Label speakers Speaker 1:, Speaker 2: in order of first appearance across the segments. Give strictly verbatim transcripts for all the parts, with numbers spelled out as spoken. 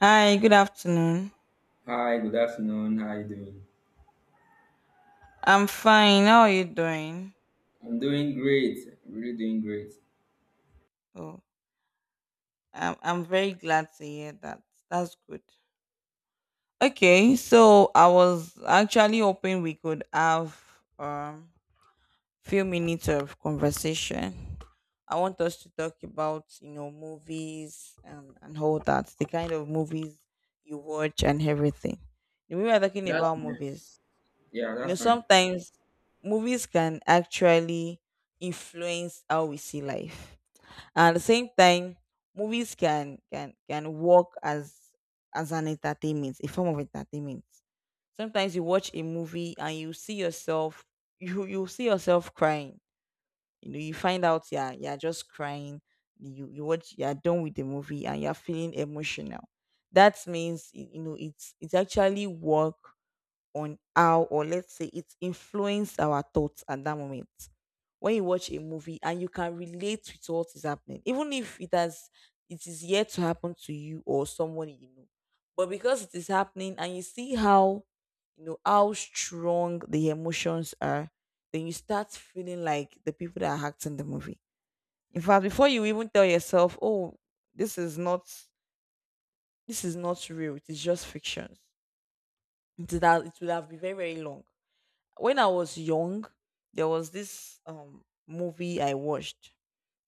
Speaker 1: Hi, good afternoon.
Speaker 2: Hi, good afternoon. How are you doing?
Speaker 1: I'm fine. How are you doing?
Speaker 2: I'm doing great. I'm really doing great.
Speaker 1: Oh, I'm I'm very glad to hear that. That's good. Okay, so I was actually hoping we could have um few minutes of conversation. I want us to talk about, you know, movies and and all that, the kind of movies you watch and everything. We were talking
Speaker 2: That's
Speaker 1: about
Speaker 2: fine.
Speaker 1: movies.
Speaker 2: Yeah,
Speaker 1: You know,
Speaker 2: that's fine.
Speaker 1: sometimes movies can actually influence how we see life. At the same time movies can can can work as as an entertainment, a form of entertainment. Sometimes you watch a movie and you see yourself, you you see yourself crying. You know, you find out, yeah, you're just crying. you you watch, you're done with the movie and you're feeling emotional. That means y- you know it's it's actually work on how, or let's say, it influenced our thoughts at that moment. When you watch a movie and you can relate with what is happening, even if it has, it is yet to happen to you or someone you know, but because it is happening and you see how, you know, how strong the emotions are, then you start feeling like the people that are acting the movie. In fact, before you even tell yourself, "Oh, this is not, this is not real. It is just fiction," it would have, it would have been very very long. When I was young, there was this um movie I watched.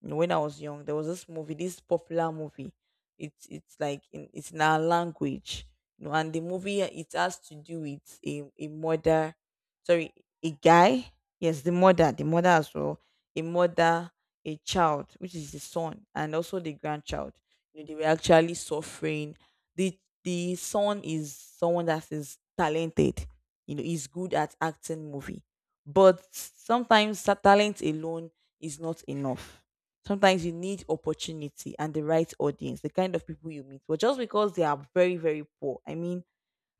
Speaker 1: Know, when I was young, there was this movie, this popular movie. It's it's like in, it's in our language, you know, and the movie uh, it has to do with a, a mother, sorry, a guy. Yes, the mother, the mother as well, a mother, a child, which is the son, and also the grandchild. You know, they were actually suffering. the The son is someone that is talented. You know, is good at acting movie, but sometimes ta- talent alone is not enough. Sometimes you need opportunity and the right audience, the kind of people you meet. But just because they are very, very poor, I mean,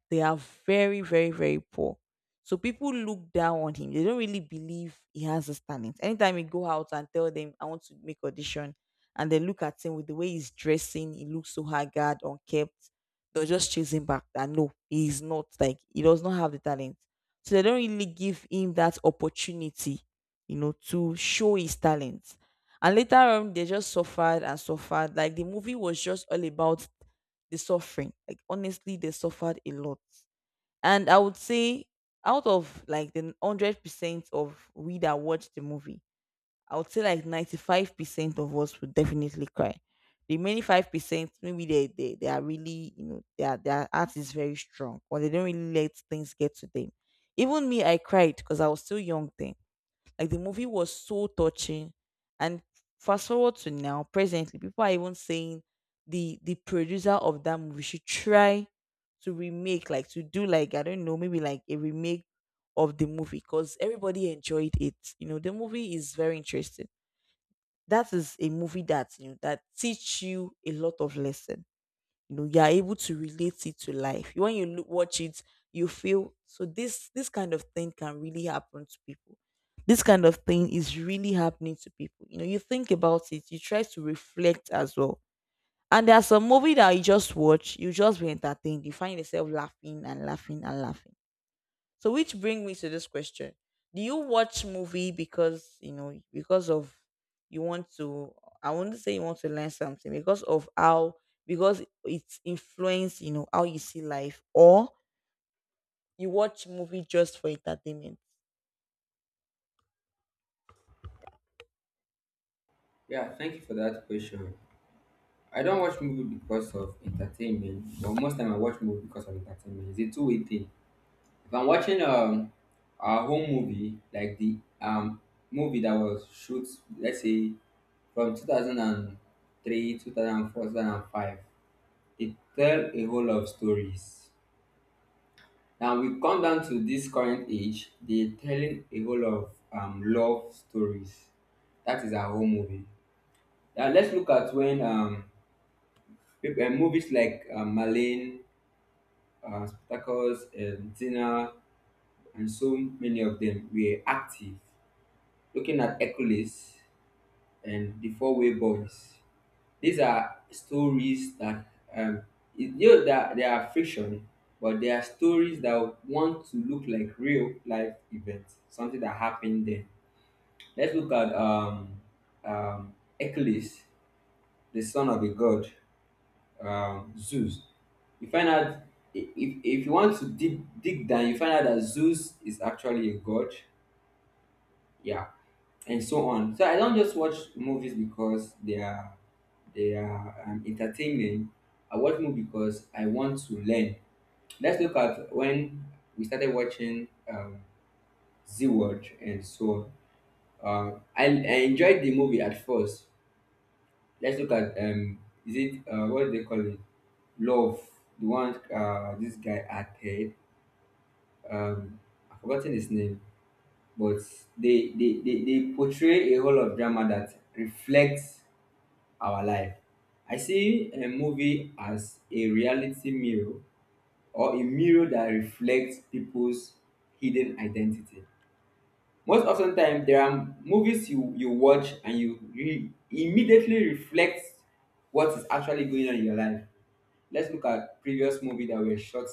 Speaker 1: they are very, very, very poor. So people look down on him. They don't really believe he has the talent. Anytime he go out and tell them, I want to make audition, and they look at him with the way he's dressing, he looks so haggard, unkempt. They'll just chase him back that no, he is not like, he does not have the talent. So they don't really give him that opportunity, you know, to show his talent. And later on, they just suffered and suffered. Like the movie was just all about the suffering. Like honestly, they suffered a lot. And I would say, out of like the hundred percent of we that watched the movie, I would say like ninety five percent of us would definitely cry. The remaining five percent, maybe they, they they are really, you know, their their heart is very strong, or they don't really let things get to them. Even me, I cried because I was still young then, like the movie was so touching. And fast forward to now, presently, people are even saying the the producer of that movie should try to remake, like to do like, I don't know, maybe like a remake of the movie, because everybody enjoyed it. You know, the movie is very interesting. That is a movie that, you know, that teach you a lot of lesson. You know, you are able to relate it to life when you look, watch it, you feel so, this this kind of thing can really happen to people, this kind of thing is really happening to people. You know, you think about it, you try to reflect as well. And there's a movie that you just watch, you just be entertained, you find yourself laughing and laughing and laughing. So which bring me to this question. Do you watch movie because you know, because of, you want to, I wouldn't say you want to learn something because of how, because it's influence, you know, how you see life, or you watch movie just for entertainment?
Speaker 2: Yeah, thank you for that question. I don't watch movie because of entertainment, but most time I watch movie because of entertainment. It's a two-way thing. If I'm watching um a home movie, like the um movie that was shoot, let's say from two thousand three, two thousand four, two thousand five, it tell a whole lot of stories. Now we come down to this current age, they're telling a whole lot of um, love stories. That is our whole movie. Now let's look at when um, peop- uh, movies like um, Marlene, uh, Spartacus, um, Tina, and so many of them were active. Looking at Hercules and the Four Way Boys. These are stories that um, it, you know that they are fiction, but they are stories that want to look like real life events, something that happened then. Let's look at um, um, Achilles, the son of a god, um, Zeus. You find out I- if, if you want to dig, dig down, you find out that Zeus is actually a god, yeah, and so on. So I don't just watch movies because they are they are um, entertaining. I watch movies because I want to learn. Let's look at when we started watching um, Z Watch and so on. Uh, I, I enjoyed the movie at first. Let's look at um, is it uh, what do they call it? Love, the one uh, this guy acted. Um, I've forgotten his name, but they they, they they portray a whole of drama that reflects our life. I see a movie as a reality mirror or a mirror that reflects people's hidden identity. Most often time there are movies you, you watch and you re- immediately reflect what is actually going on in your life. Let's look at previous movie that were shot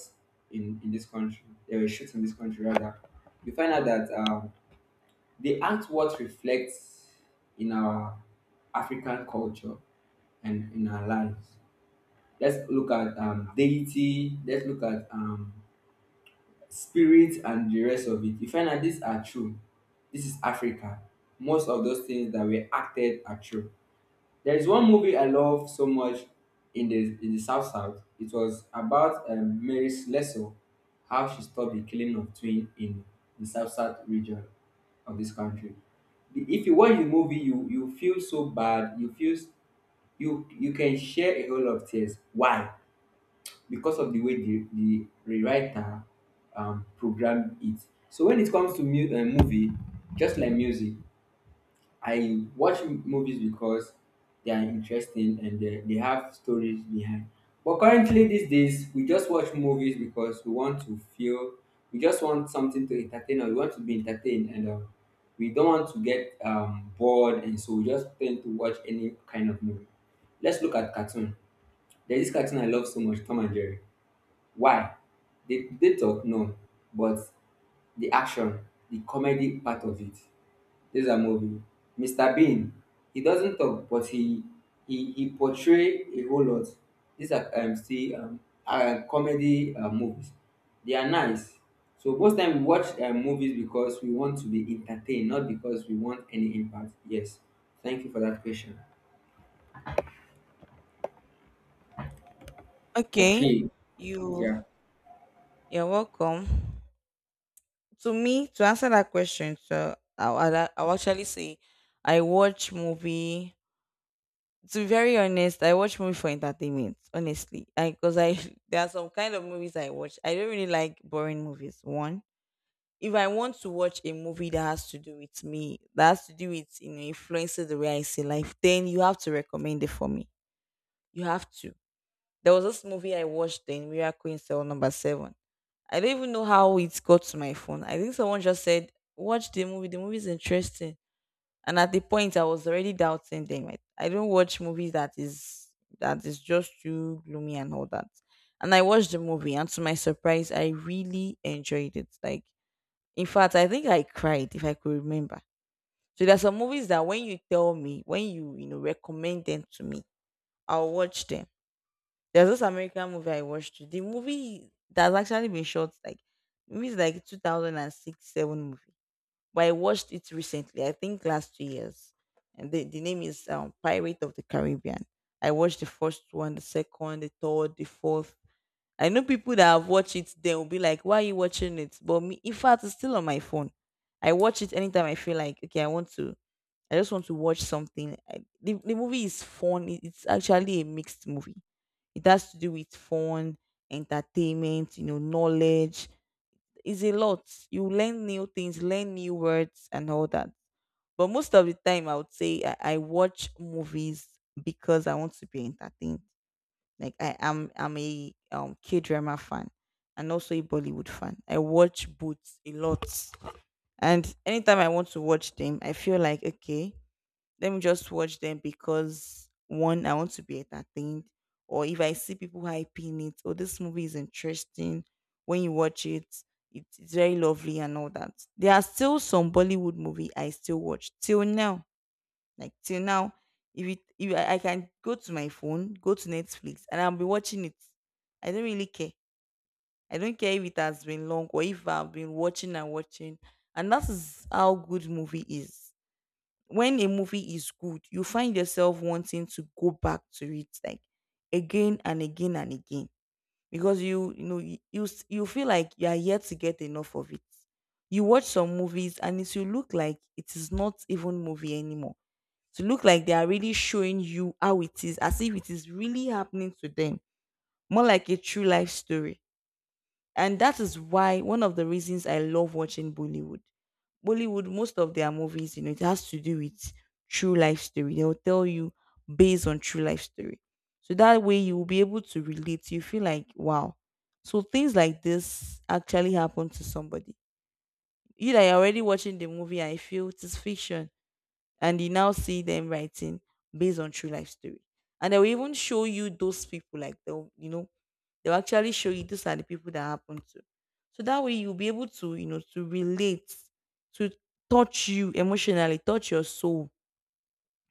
Speaker 2: in, in this country. They were shot in this country rather. You find out that um, the artwork reflects in our African culture and in our lives. Let's look at um, deity, let's look at um, spirit and the rest of it. You find that these are true. This is Africa. Most of those things that were acted are true. There is one movie I love so much in the in the South South. It was about um, Mary Slessor, how she stopped the killing of twin in the South South region of this country. The- If you watch the movie, you you feel so bad. You feel s- you you can share a whole lot of tears. Why? Because of the way the the rewriter um programmed it. So when it comes to mu- uh, movie, just like music, I watch m- movies because they are interesting and they, they have stories behind. But currently, these days, we just watch movies because we want to feel, we just want something to entertain or we want to be entertained, and um, we don't want to get um, bored, and so we just tend to watch any kind of movie. Let's look at cartoon. There's this cartoon I love so much, Tom and Jerry. Why? They, they talk, no, but the action, the comedy part of it. This is a movie. mister Bean. He doesn't talk, but he he he portray a whole lot. These are um still um uh, comedy uh, movies. They are nice. So most time we watch uh, movies because we want to be entertained, not because we want any impact. Yes. Thank you for that question.
Speaker 1: Okay,
Speaker 2: Okay.
Speaker 1: you
Speaker 2: Yeah.
Speaker 1: you're welcome. To me, to answer that question, so I'll, I'll, I'll actually say I watch movie, to be very honest, I watch movie for entertainment, honestly. I, because I there are some kind of movies I watch. I don't really like boring movies. One, if I want to watch a movie that has to do with me, that has to do with, you know, influences the way I see life, then you have to recommend it for me. You have to. There was this movie I watched then, Miracle in Cell Number Seven. I don't even know how it got to my phone. I think someone just said, "Watch the movie. The movie is interesting." And at the point I was already doubting them, i, I don't watch movies that is that is just too gloomy and all that. And I watched the movie and to my surprise I really enjoyed it. Like, in fact, I think I cried, if I could remember. So there's some movies that when you tell me, when you you know, recommend them to me, I'll watch them. There's this american movie I watched, the movie that's actually been shot like maybe it's like two thousand six seven movie, but I watched it recently. I think last two years, and the, the name is um, Pirate of the Caribbean. I watched the first one, the second, the third, the fourth. I know people that have watched it, they will be like, "Why are you watching it?" But me, in fact, it's still on my phone. I watch it anytime I feel like, okay, I want to. I just want to watch something. I, the, the movie is fun. It- It's actually a mixed movie. It has to do with fun, entertainment, you know, knowledge, it's a lot. You learn new things, learn new words, and all that. But most of the time, I would say I, I watch movies because I want to be entertained. Like I am, I'm a um K drama fan, and also a Bollywood fan. I watch both a lot, and anytime I want to watch them, I feel like, okay, let me just watch them because one, I want to be entertained, or if I see people hyping it, oh, this movie is interesting. When you watch it, it's it's very lovely and all that. There are still some Bollywood movie I still watch till now. Like till now, if it if I, I can go to my phone, go to Netflix, and I'll be watching it. I don't really care. I don't care if it has been long or if I've been watching and watching. And that is how good movie is. When a movie is good, you find yourself wanting to go back to it, like again and again and again, because you you know you you, s- you feel like you are yet to get enough of it. You watch some movies and it will look like it is not even movie anymore. To look like they are really showing you how it is, as if it is really happening to them, more like a true life story. And that is why one of the reasons I love watching Bollywood. Bollywood, most of their movies, you know, it has to do with true life story. They'll tell you, based on true life story. So that way you will be able to relate. You feel like, wow, so things like this actually happen to somebody. You that are already watching the movie, I feel it is fiction. And you now see them writing, based on true life story. And they will even show you those people, like they'll, you know, they'll actually show you these are the people that happened to. So that way you'll be able to, you know, to relate, to touch you emotionally, touch your soul.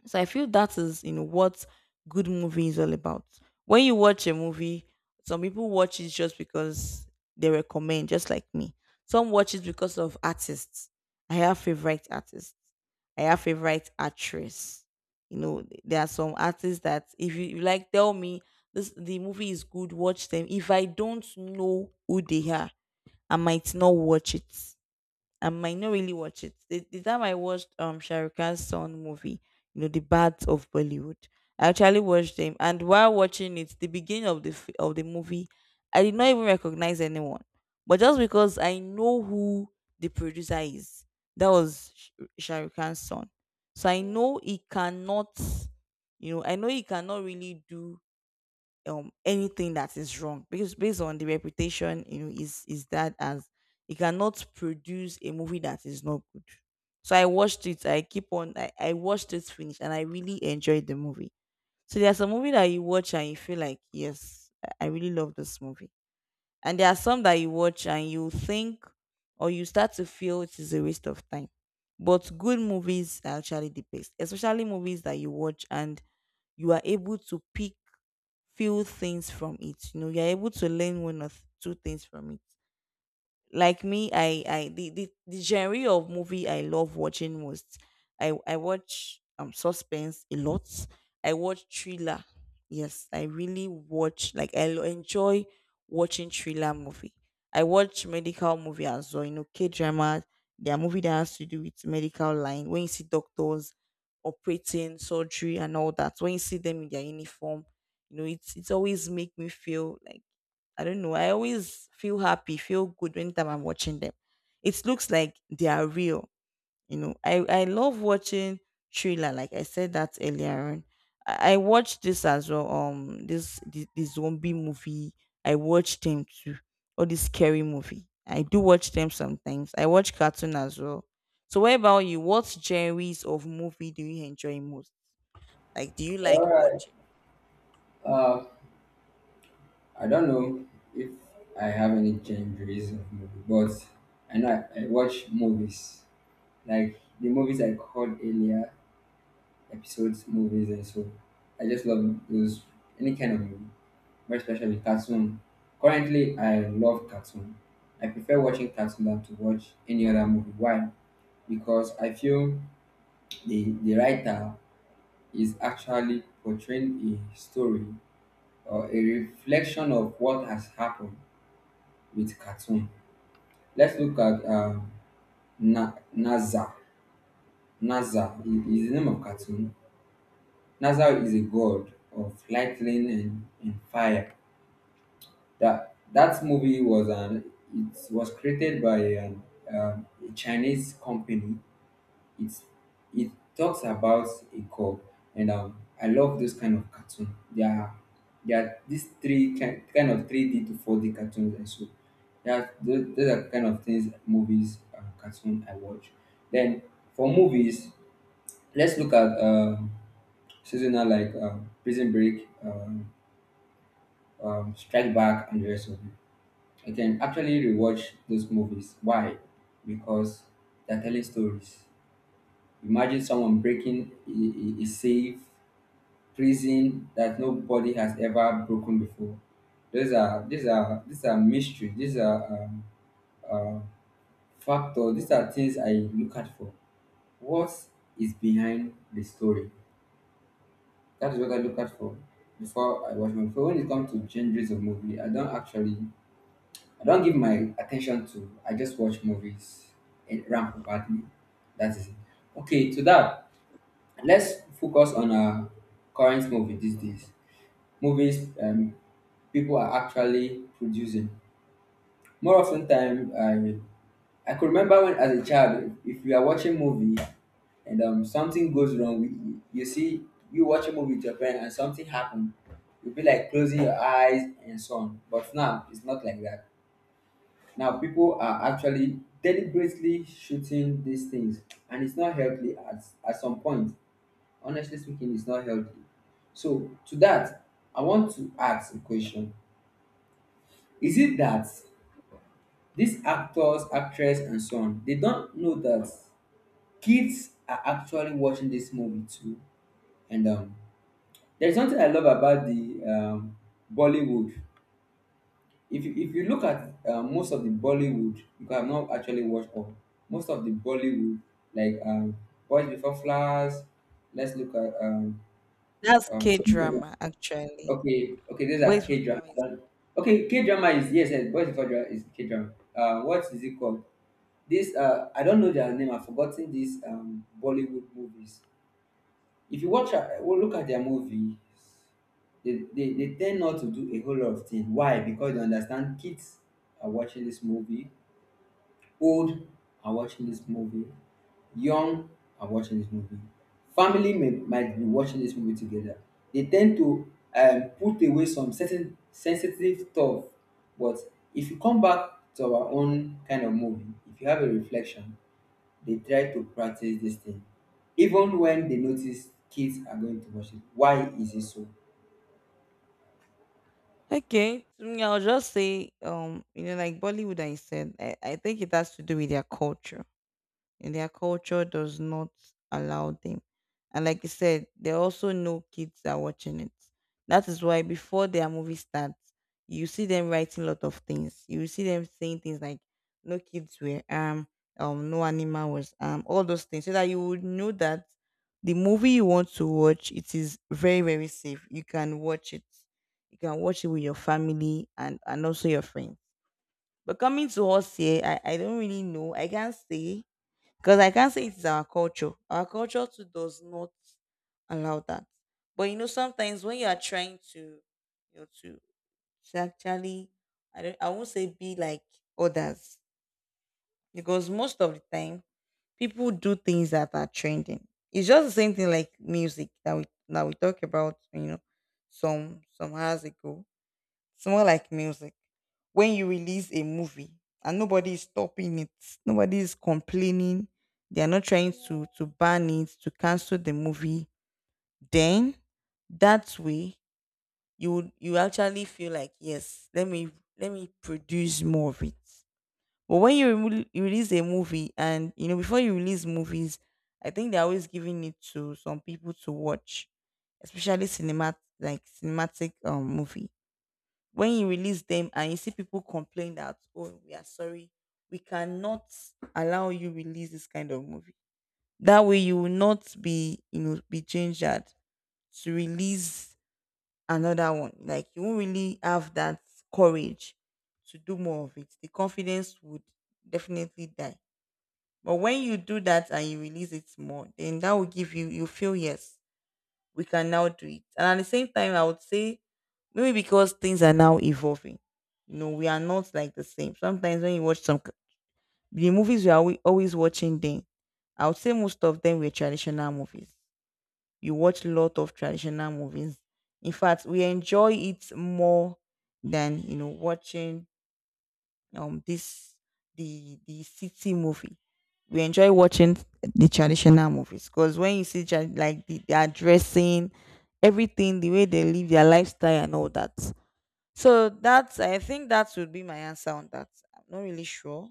Speaker 1: So I feel that is, you know, what good movie is all about. When you watch a movie, some people watch it just because they recommend, just like me. Some watch it because of artists. I have favorite artists. I have favorite actress. You know, there are some artists that if you you like tell me this the movie is good, watch them. If I don't know who they are, I might not watch it. I might not really watch it. The, the time I watched um Shah Rukh Khan's son movie, you know, The Bads of Bollywood, I actually watched him, and while watching it, the beginning of the f- of the movie, I did not even recognize anyone, but just because I know who the producer is, that was Sh- Shah Rukh Khan's son, so I know he cannot, you know, I know he cannot really do um anything that is wrong because based on the reputation, you know, is is that as he cannot produce a movie that is not good. So I watched it, i keep on i, I watched it finish and I really enjoyed the movie. So there's a movie that you watch and you feel like yes, I I really love this movie. And there are some that you watch and you think, or you start to feel it is a waste of time. But good movies are actually the best, especially movies that you watch and you are able to pick few things from it. You know, you're able to learn one or th- two things from it. Like me i i the, the the genre of movie I love watching most, i i watch um suspense a lot. I watch thriller. Yes, I really watch, like I lo- enjoy watching thriller movie. I watch medical movie as well, you know, k-drama. There are movie that has to do with medical line when you see doctors operating surgery and all that, when you see them in their uniform, you know, it's it's always make me feel like, I don't know. I always feel happy, feel good anytime I'm watching them. It looks like they are real. You know, I, I love watching thriller, like I said that earlier on. I, I watched this as well. Um this the, the zombie movie. I watched them too. Or the scary movie. I do watch them sometimes. I watch cartoon as well. So what about you? What genres of movie do you enjoy most? Like do you like
Speaker 2: All right.
Speaker 1: watching?
Speaker 2: Uh, I don't know if I have any genres of movie, but I know I, I watch movies like the movies I called earlier. Episodes, movies, and so I just love those, any kind of movie, but especially cartoon. Currently, I love cartoon. I prefer watching cartoon than to watch any other movie. Why? Because I feel the the writer is actually portraying a story or a reflection of what has happened with cartoon. Let's look at um, Na- Naza. Naza is is the name of cartoon. Nazar is a god of lightning and, and fire. That that movie was an it was created by an, um, a Chinese company. It's it talks about a god, and um, I love those kind of cartoon. There are there are these three kind, kind of three D to four D cartoons, and so yeah, those, those are kind of things movies uh, cartoon I watch. Then for movies, let's look at. Um, seasonal, like um, Prison Break, um, um, Strike Back, and the rest of it. I can actually rewatch those movies. Why? Because they're telling stories. Imagine someone breaking a, a a safe prison that nobody has ever broken before. Those are these are these are mysteries. These are um, uh, factors. These are things I look at for. What is behind the story? That is what I look at for before I watch movie. But when it comes to genres of movie, I don't actually, I don't give my attention to. I just watch movies and ramp badly. That is it. Okay, to that, let's focus on our current movie these days. Movies um, people are actually producing. More often time, I I could remember when, as a child, if you are watching movie and um something goes wrong, you, you see you watch a movie with your friend and something happened, you'll be like closing your eyes and so on. But now it's not like that. Now people are actually deliberately shooting these things, and it's not healthy at at some point. Honestly speaking, it's not healthy. So to that, I want to ask a question: Is it that these actors, actress, and so on, they don't know that kids are actually watching this movie too? And um there's something I love about the um Bollywood. If you, if you look at uh, most of the Bollywood, because I've not actually watched all most of the Bollywood, like um Boys Before Flowers. Let's look at um
Speaker 1: That's
Speaker 2: um
Speaker 1: K
Speaker 2: something like
Speaker 1: drama
Speaker 2: that.
Speaker 1: actually.
Speaker 2: Okay, okay, these are
Speaker 1: Boys with
Speaker 2: K-drama.
Speaker 1: Flowers.
Speaker 2: Okay, K-drama is, yes, yes, Boys Before Drama is K-drama. Uh what is it called? This uh I don't know their name, I've forgotten these um Bollywood movies. If you watch a- well, look at their movie, they, they, they tend not to do a whole lot of things. Why? Because they understand kids are watching this movie, old are watching this movie, young are watching this movie, family may, might be watching this movie together. They tend to um, put away some certain sensitive stuff. But if you come back to our own kind of movie, if you have a reflection, they try to practice this thing even when they notice kids are going to watch it. Why is it so?
Speaker 1: Okay. To me, I'll just say, um, you know, like Bollywood, I said, I, I think it has to do with their culture, and their culture does not allow them. And like I said, they also know kids are watching it. That is why before their movie starts, you see them writing a lot of things. You see them saying things like no kids were armed, um, no animal was armed, all those things. So that you would know that the movie you want to watch, it is very, very safe. You can watch it. You can watch it with your family, and, and also your friends. But coming to us here, I, I don't really know. I can't say, because I can't say it is our culture. Our culture too does not allow that. But you know, sometimes when you are trying to, you know, to, to actually, I don't, I won't say be like others, because most of the time people do things that are trending. It's just the same thing like music that we that we talked about, you know, some some hours ago. It's more like music. When you release a movie and nobody is stopping it, nobody is complaining, they are not trying to to ban it, to cancel the movie, then that way you would- you actually feel like yes, let me let me produce more of it. But when you remo- you release a movie, and you know, before you release movies, I think they're always giving it to some people to watch, especially cinema like cinematic um movie, when you release them and you see people complain that oh, we are sorry, we cannot allow you release this kind of movie, that way you will not be, you know, be gingered to release another one. Like you won't really have that courage to do more of it. The confidence would definitely die. But when you do that and you release it more, then that will give you, you feel yes, we can now do it. And at the same time, I would say maybe because things are now evolving. You know, we are not like the same. Sometimes when you watch some c- the movies we are alwa- always watching then, I would say most of them were traditional movies. You watch a lot of traditional movies. In fact, we enjoy it more than, you know, watching um this the the city movie. We enjoy watching the traditional movies because when you see tra- like the, their dressing, everything, the way they live their lifestyle and all that. So that's, I think that would be my answer on that. I'm not really sure.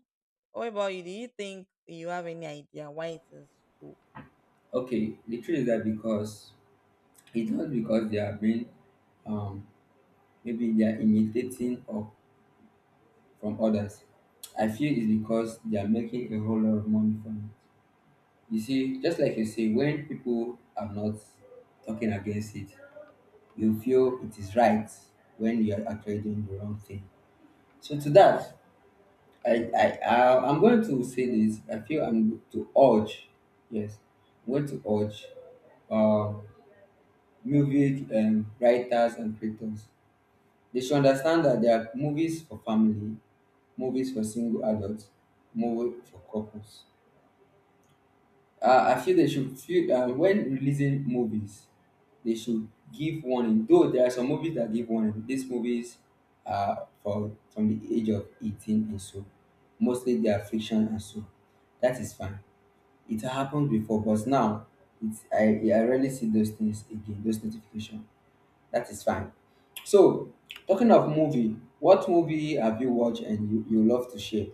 Speaker 1: What about you? Do you think you have any idea why it is so?
Speaker 2: Okay, the truth is that because it's not because they are being um maybe they are imitating or from others. I feel it's because they are making a whole lot of money from it. You see, just like you say, when people are not talking against it, you feel it is right when you are actually doing the wrong thing. So to that, I, I, I, I'm going to say this. I feel I'm going to urge, yes, I'm going to urge uh, music and writers and creators. They should understand that there are movies for family, movies for single adults, movies for couples. Uh, I feel they should feel uh, when releasing movies, they should give warning. Though there are some movies that give warning. These movies are for from the age of eighteen and so. Mostly they are fiction and so. That is fine. It happened before, but now it's I, I rarely see those things again. Those notifications. That is fine. So, talking of movie, what movie have you watched and you, you love to share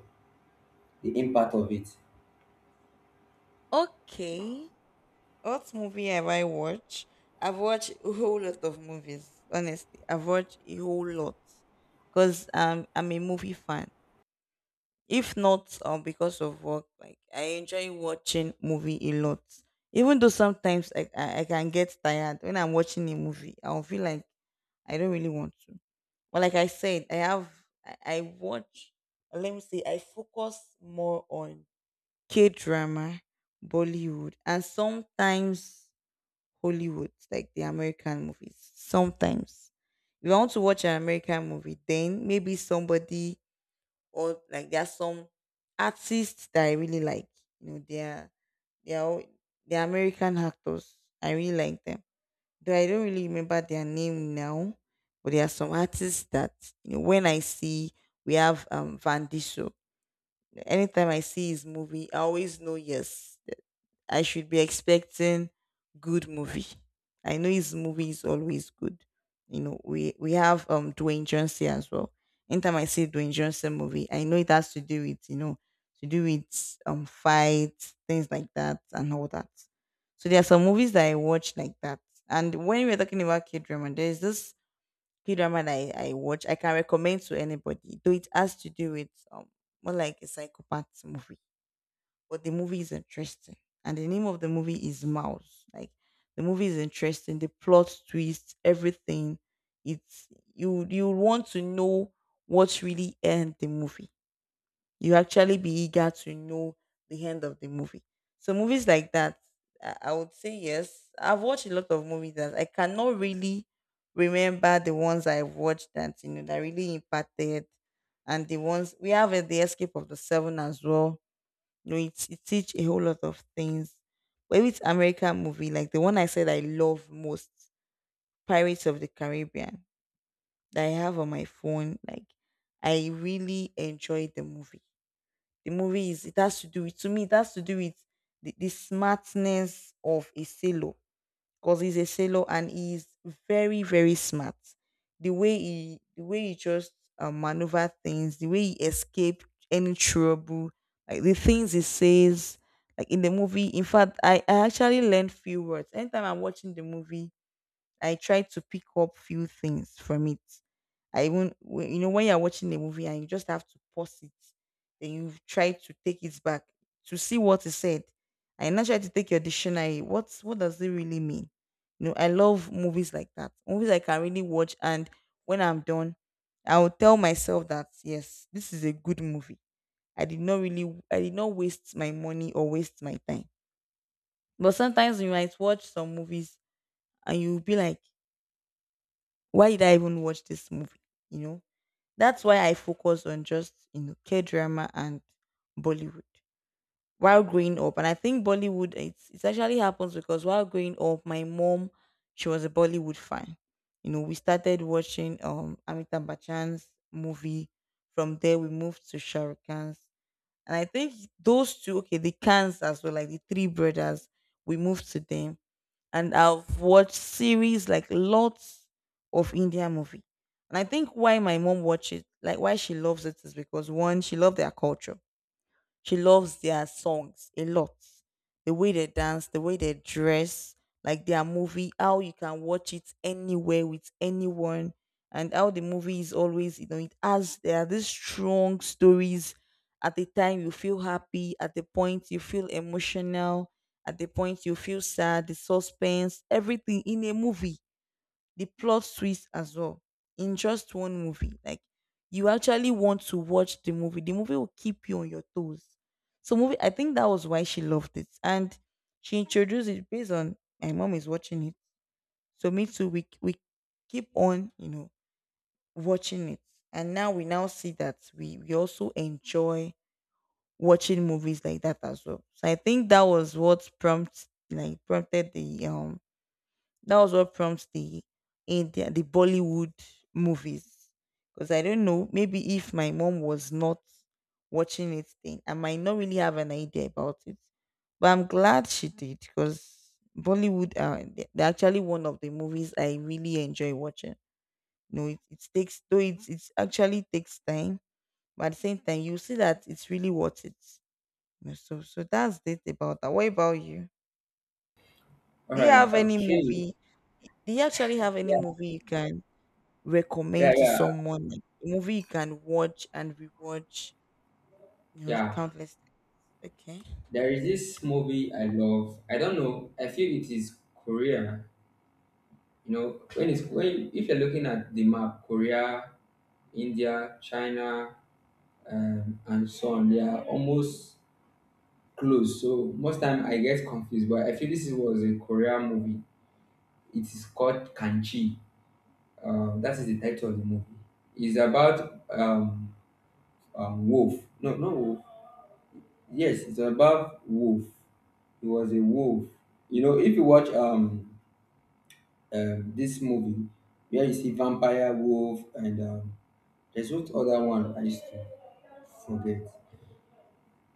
Speaker 2: the impact of it?
Speaker 1: Okay. What movie have I watched? I've watched a whole lot of movies. Honestly, I've watched a whole lot because um, I'm a movie fan. If not um because of work, like I enjoy watching movie a lot. Even though sometimes, I, I i can get tired when I'm watching a movie, I'll feel like I don't really want to. But like I said, i have i, I watch, let me say I focus more on K drama, Bollywood, and sometimes Hollywood, like the American movies. Sometimes if I want to watch an American movie, then maybe somebody, or like there are some artists that I really like. You know, they are they are all- they are American actors. I really like them. Though I don't really remember their name now, but there are some artists that, you know, when I see, we have um Van Diesel. Anytime I see his movie, I always know yes, I should be expecting good movie. I know his movie is always good. You know, we we have um Dwayne Johnson as well. Anytime I see Dwayne Johnson movie, I know it has to do with, you know, to do with um fights, things like that, and all that. So there are some movies that I watch like that. And when we we're talking about K drama, there's this K drama that I, I watch. I can recommend to anybody. Though it has to do with um more like a psychopath movie, but the movie is interesting. And the name of the movie is Mouse. Like the movie is interesting, the plot twist, everything. It's you, you want to know what really end the movie. You actually be eager to know the end of the movie. So movies like that, I I would say yes. I've watched a lot of movies that I cannot really remember, the ones I've watched that, you know, that really impacted. And the ones we have, uh, the escape of the seven as well. No, it, it teach a whole lot of things. But with American movie, like the one I said I love most, Pirates of the Caribbean, that I have on my phone, like I really enjoyed the movie. The movie is, it has to do with, to me, it has to do with the, the smartness of a sailor, because he's a sailor and he's very, very smart. The way he, the way he just, um, maneuver things, the way he escape any trouble, like the things he says, like in the movie. In fact, I, I actually learned few words anytime I'm watching the movie. I try to pick up few things from it. I even wh- you know, when you're watching a movie and you just have to pause it, then you try to take it back to see what is said. I now try to take your dictionary. What's, what does it really mean? You know, I love movies like that. Movies I can really watch, and when I'm done, I will tell myself that yes, this is a good movie. I did not really, I did not waste my money or waste my time. But sometimes you might watch some movies and you'll be like, why did I even watch this movie? You know, that's why I focus on just, you know, K drama and Bollywood while growing up. And I think Bollywood, it's, it actually happens because while growing up, my mom, she was a Bollywood fan. You know, we started watching um Amitabh Bachchan's movie. From there, we moved to Shah Rukh Khan's, and I think those two, okay, the Khans as well, like the three brothers, we moved to them, and I've watched series like lots of Indian movie. And I think why my mom watches, like why she loves it, is because one, she loved their culture. She loves their songs a lot. The way they dance, the way they dress, like their movie, how you can watch it anywhere with anyone, and how the movie is always, you know, it has, there are these strong stories. At the time you feel happy, at the point you feel emotional, at the point you feel sad, the suspense, everything in a movie, the plot twist as well, in just one movie. Like you actually want to watch the movie. The movie will keep you on your toes. So movie, I think that was why she loved it, and she introduced it based on my mom is watching it. So me too. We we keep on, you know, watching it, and now we now see that we we also enjoy watching movies like that as well. So I think that was what prompts, like prompted the um that was what prompts the India, the Bollywood movies. Because I don't know, maybe if my mom was not watching it, then I might not really have an idea about it. But I'm glad she did, because Bollywood are they- they're actually one of the movies I really enjoy watching. You know, it, it takes, though it it actually takes time, but at the same time you see that it's really worth it. You know, so so that's it about that. What about you?
Speaker 2: All
Speaker 1: Do you
Speaker 2: right.
Speaker 1: have any
Speaker 2: Okay.
Speaker 1: movie? Do you actually have any
Speaker 2: Yeah.
Speaker 1: movie you can
Speaker 2: Yeah.
Speaker 1: recommend to
Speaker 2: Yeah.
Speaker 1: someone, like a movie you can watch and rewatch, you know,
Speaker 2: Yeah.
Speaker 1: countless times. Okay.
Speaker 2: There is this movie I love. I don't know. I feel it is Korea. You know, when it's when if you're looking at the map, Korea, India, China, um, and so on, they are almost close. So most time I get confused. But I feel this is- was a Korea movie. It is called Kanchi. Um, that is the title of the movie. It's about um, um wolf. No, no wolf. Yes, it's about wolf. He was a wolf. You know, if you watch um um, this movie where you see vampire, wolf, and um, there's what other one I used to forget.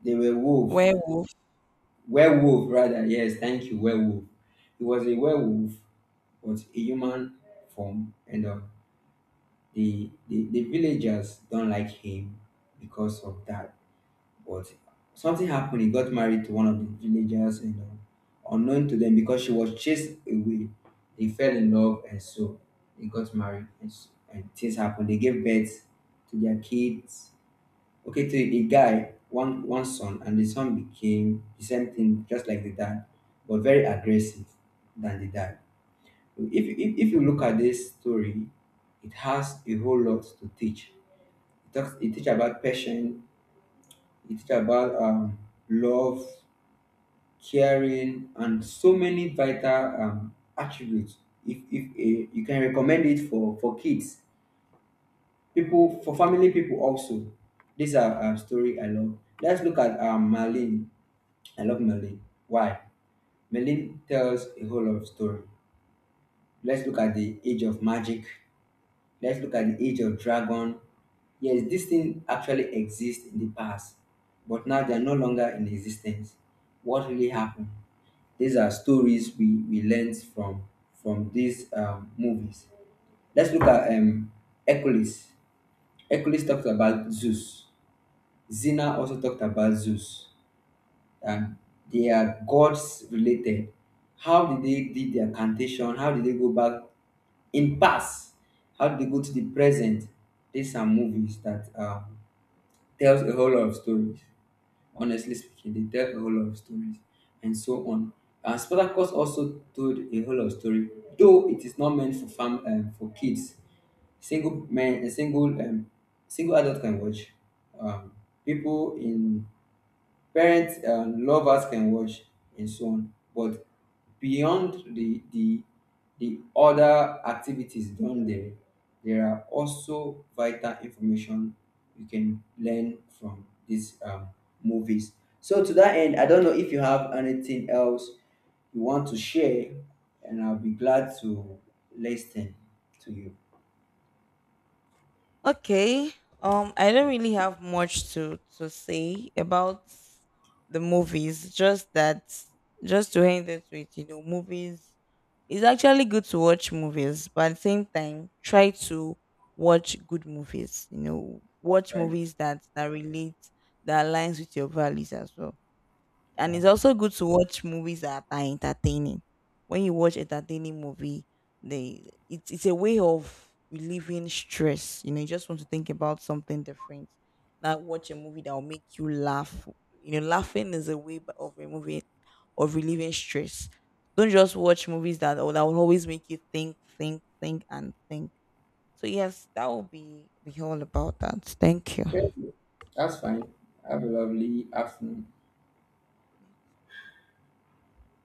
Speaker 2: They were wolf,
Speaker 1: Werewolf.
Speaker 2: werewolf rather. Yes, thank you, werewolf. He was a werewolf, but a human form, and um, the, the the villagers don't like him because of that. But something happened. He got married to one of the villagers, and uh, unknown to them, because she was chased away, they fell in love, and so they got married, and, s- and things happened. They gave birth to their kids. Okay, to a guy, one one son, and the son became the same thing, just like the dad, but very aggressive than the dad. If if, if you look at this story, it has a whole lot to teach. It talks, it teach about passion. It teach about um, love caring, and so many vital um, attributes. If, if uh, you can recommend it for, for kids, people for family people also. These are a story I love. Let's look at um, Marlene. I love Marlene. Why? Marlene tells a whole lot of story. Let's look at the age of magic. Let's look at the age of dragon. Yes, these things actually exist in the past, but now they are no longer in existence. What really happened? These are stories we, we learned from from these um, movies. Let's look at um, Hercules. Hercules talked about Zeus. Zena also talked about Zeus. And they are gods related. How did they did their cantation? How did they go back in past? How did they go to the present? These are movies that um, tells a whole lot of stories. Honestly speaking, they tell a whole lot of stories and so on. And Spartacus also told a whole lot of story, though it is not meant for fam um, for kids. Single men, a single um, single adult can watch. Um, People in Parents um, lovers can watch and so on, but beyond the the the other activities done there, there are also vital information you can learn from these um, movies. So to that end, I don't know if you have anything else you want to share, and I'll be glad to listen to you.
Speaker 1: Okay. um I don't really have much to to say about the movies, just that just to end it with, you know, movies, it's actually good to watch movies, but at the same time try to watch good movies. You know,
Speaker 2: That's
Speaker 1: watch
Speaker 2: right.
Speaker 1: movies that that relate, that aligns with your values as well. And
Speaker 2: Yeah.
Speaker 1: it's also good to watch movies that are entertaining. When you watch entertaining movie, they it's it's a way of relieving stress. You know, you just want to think about something different. Not watch a movie that will make you laugh. You know, laughing is a way b- of removing, of relieving stress. Don't just watch movies that oh, that will always make you think, think, think, and think. So yes, that will be be all about that. Thank
Speaker 2: Okay.
Speaker 1: you.
Speaker 2: That's fine. Have a lovely afternoon.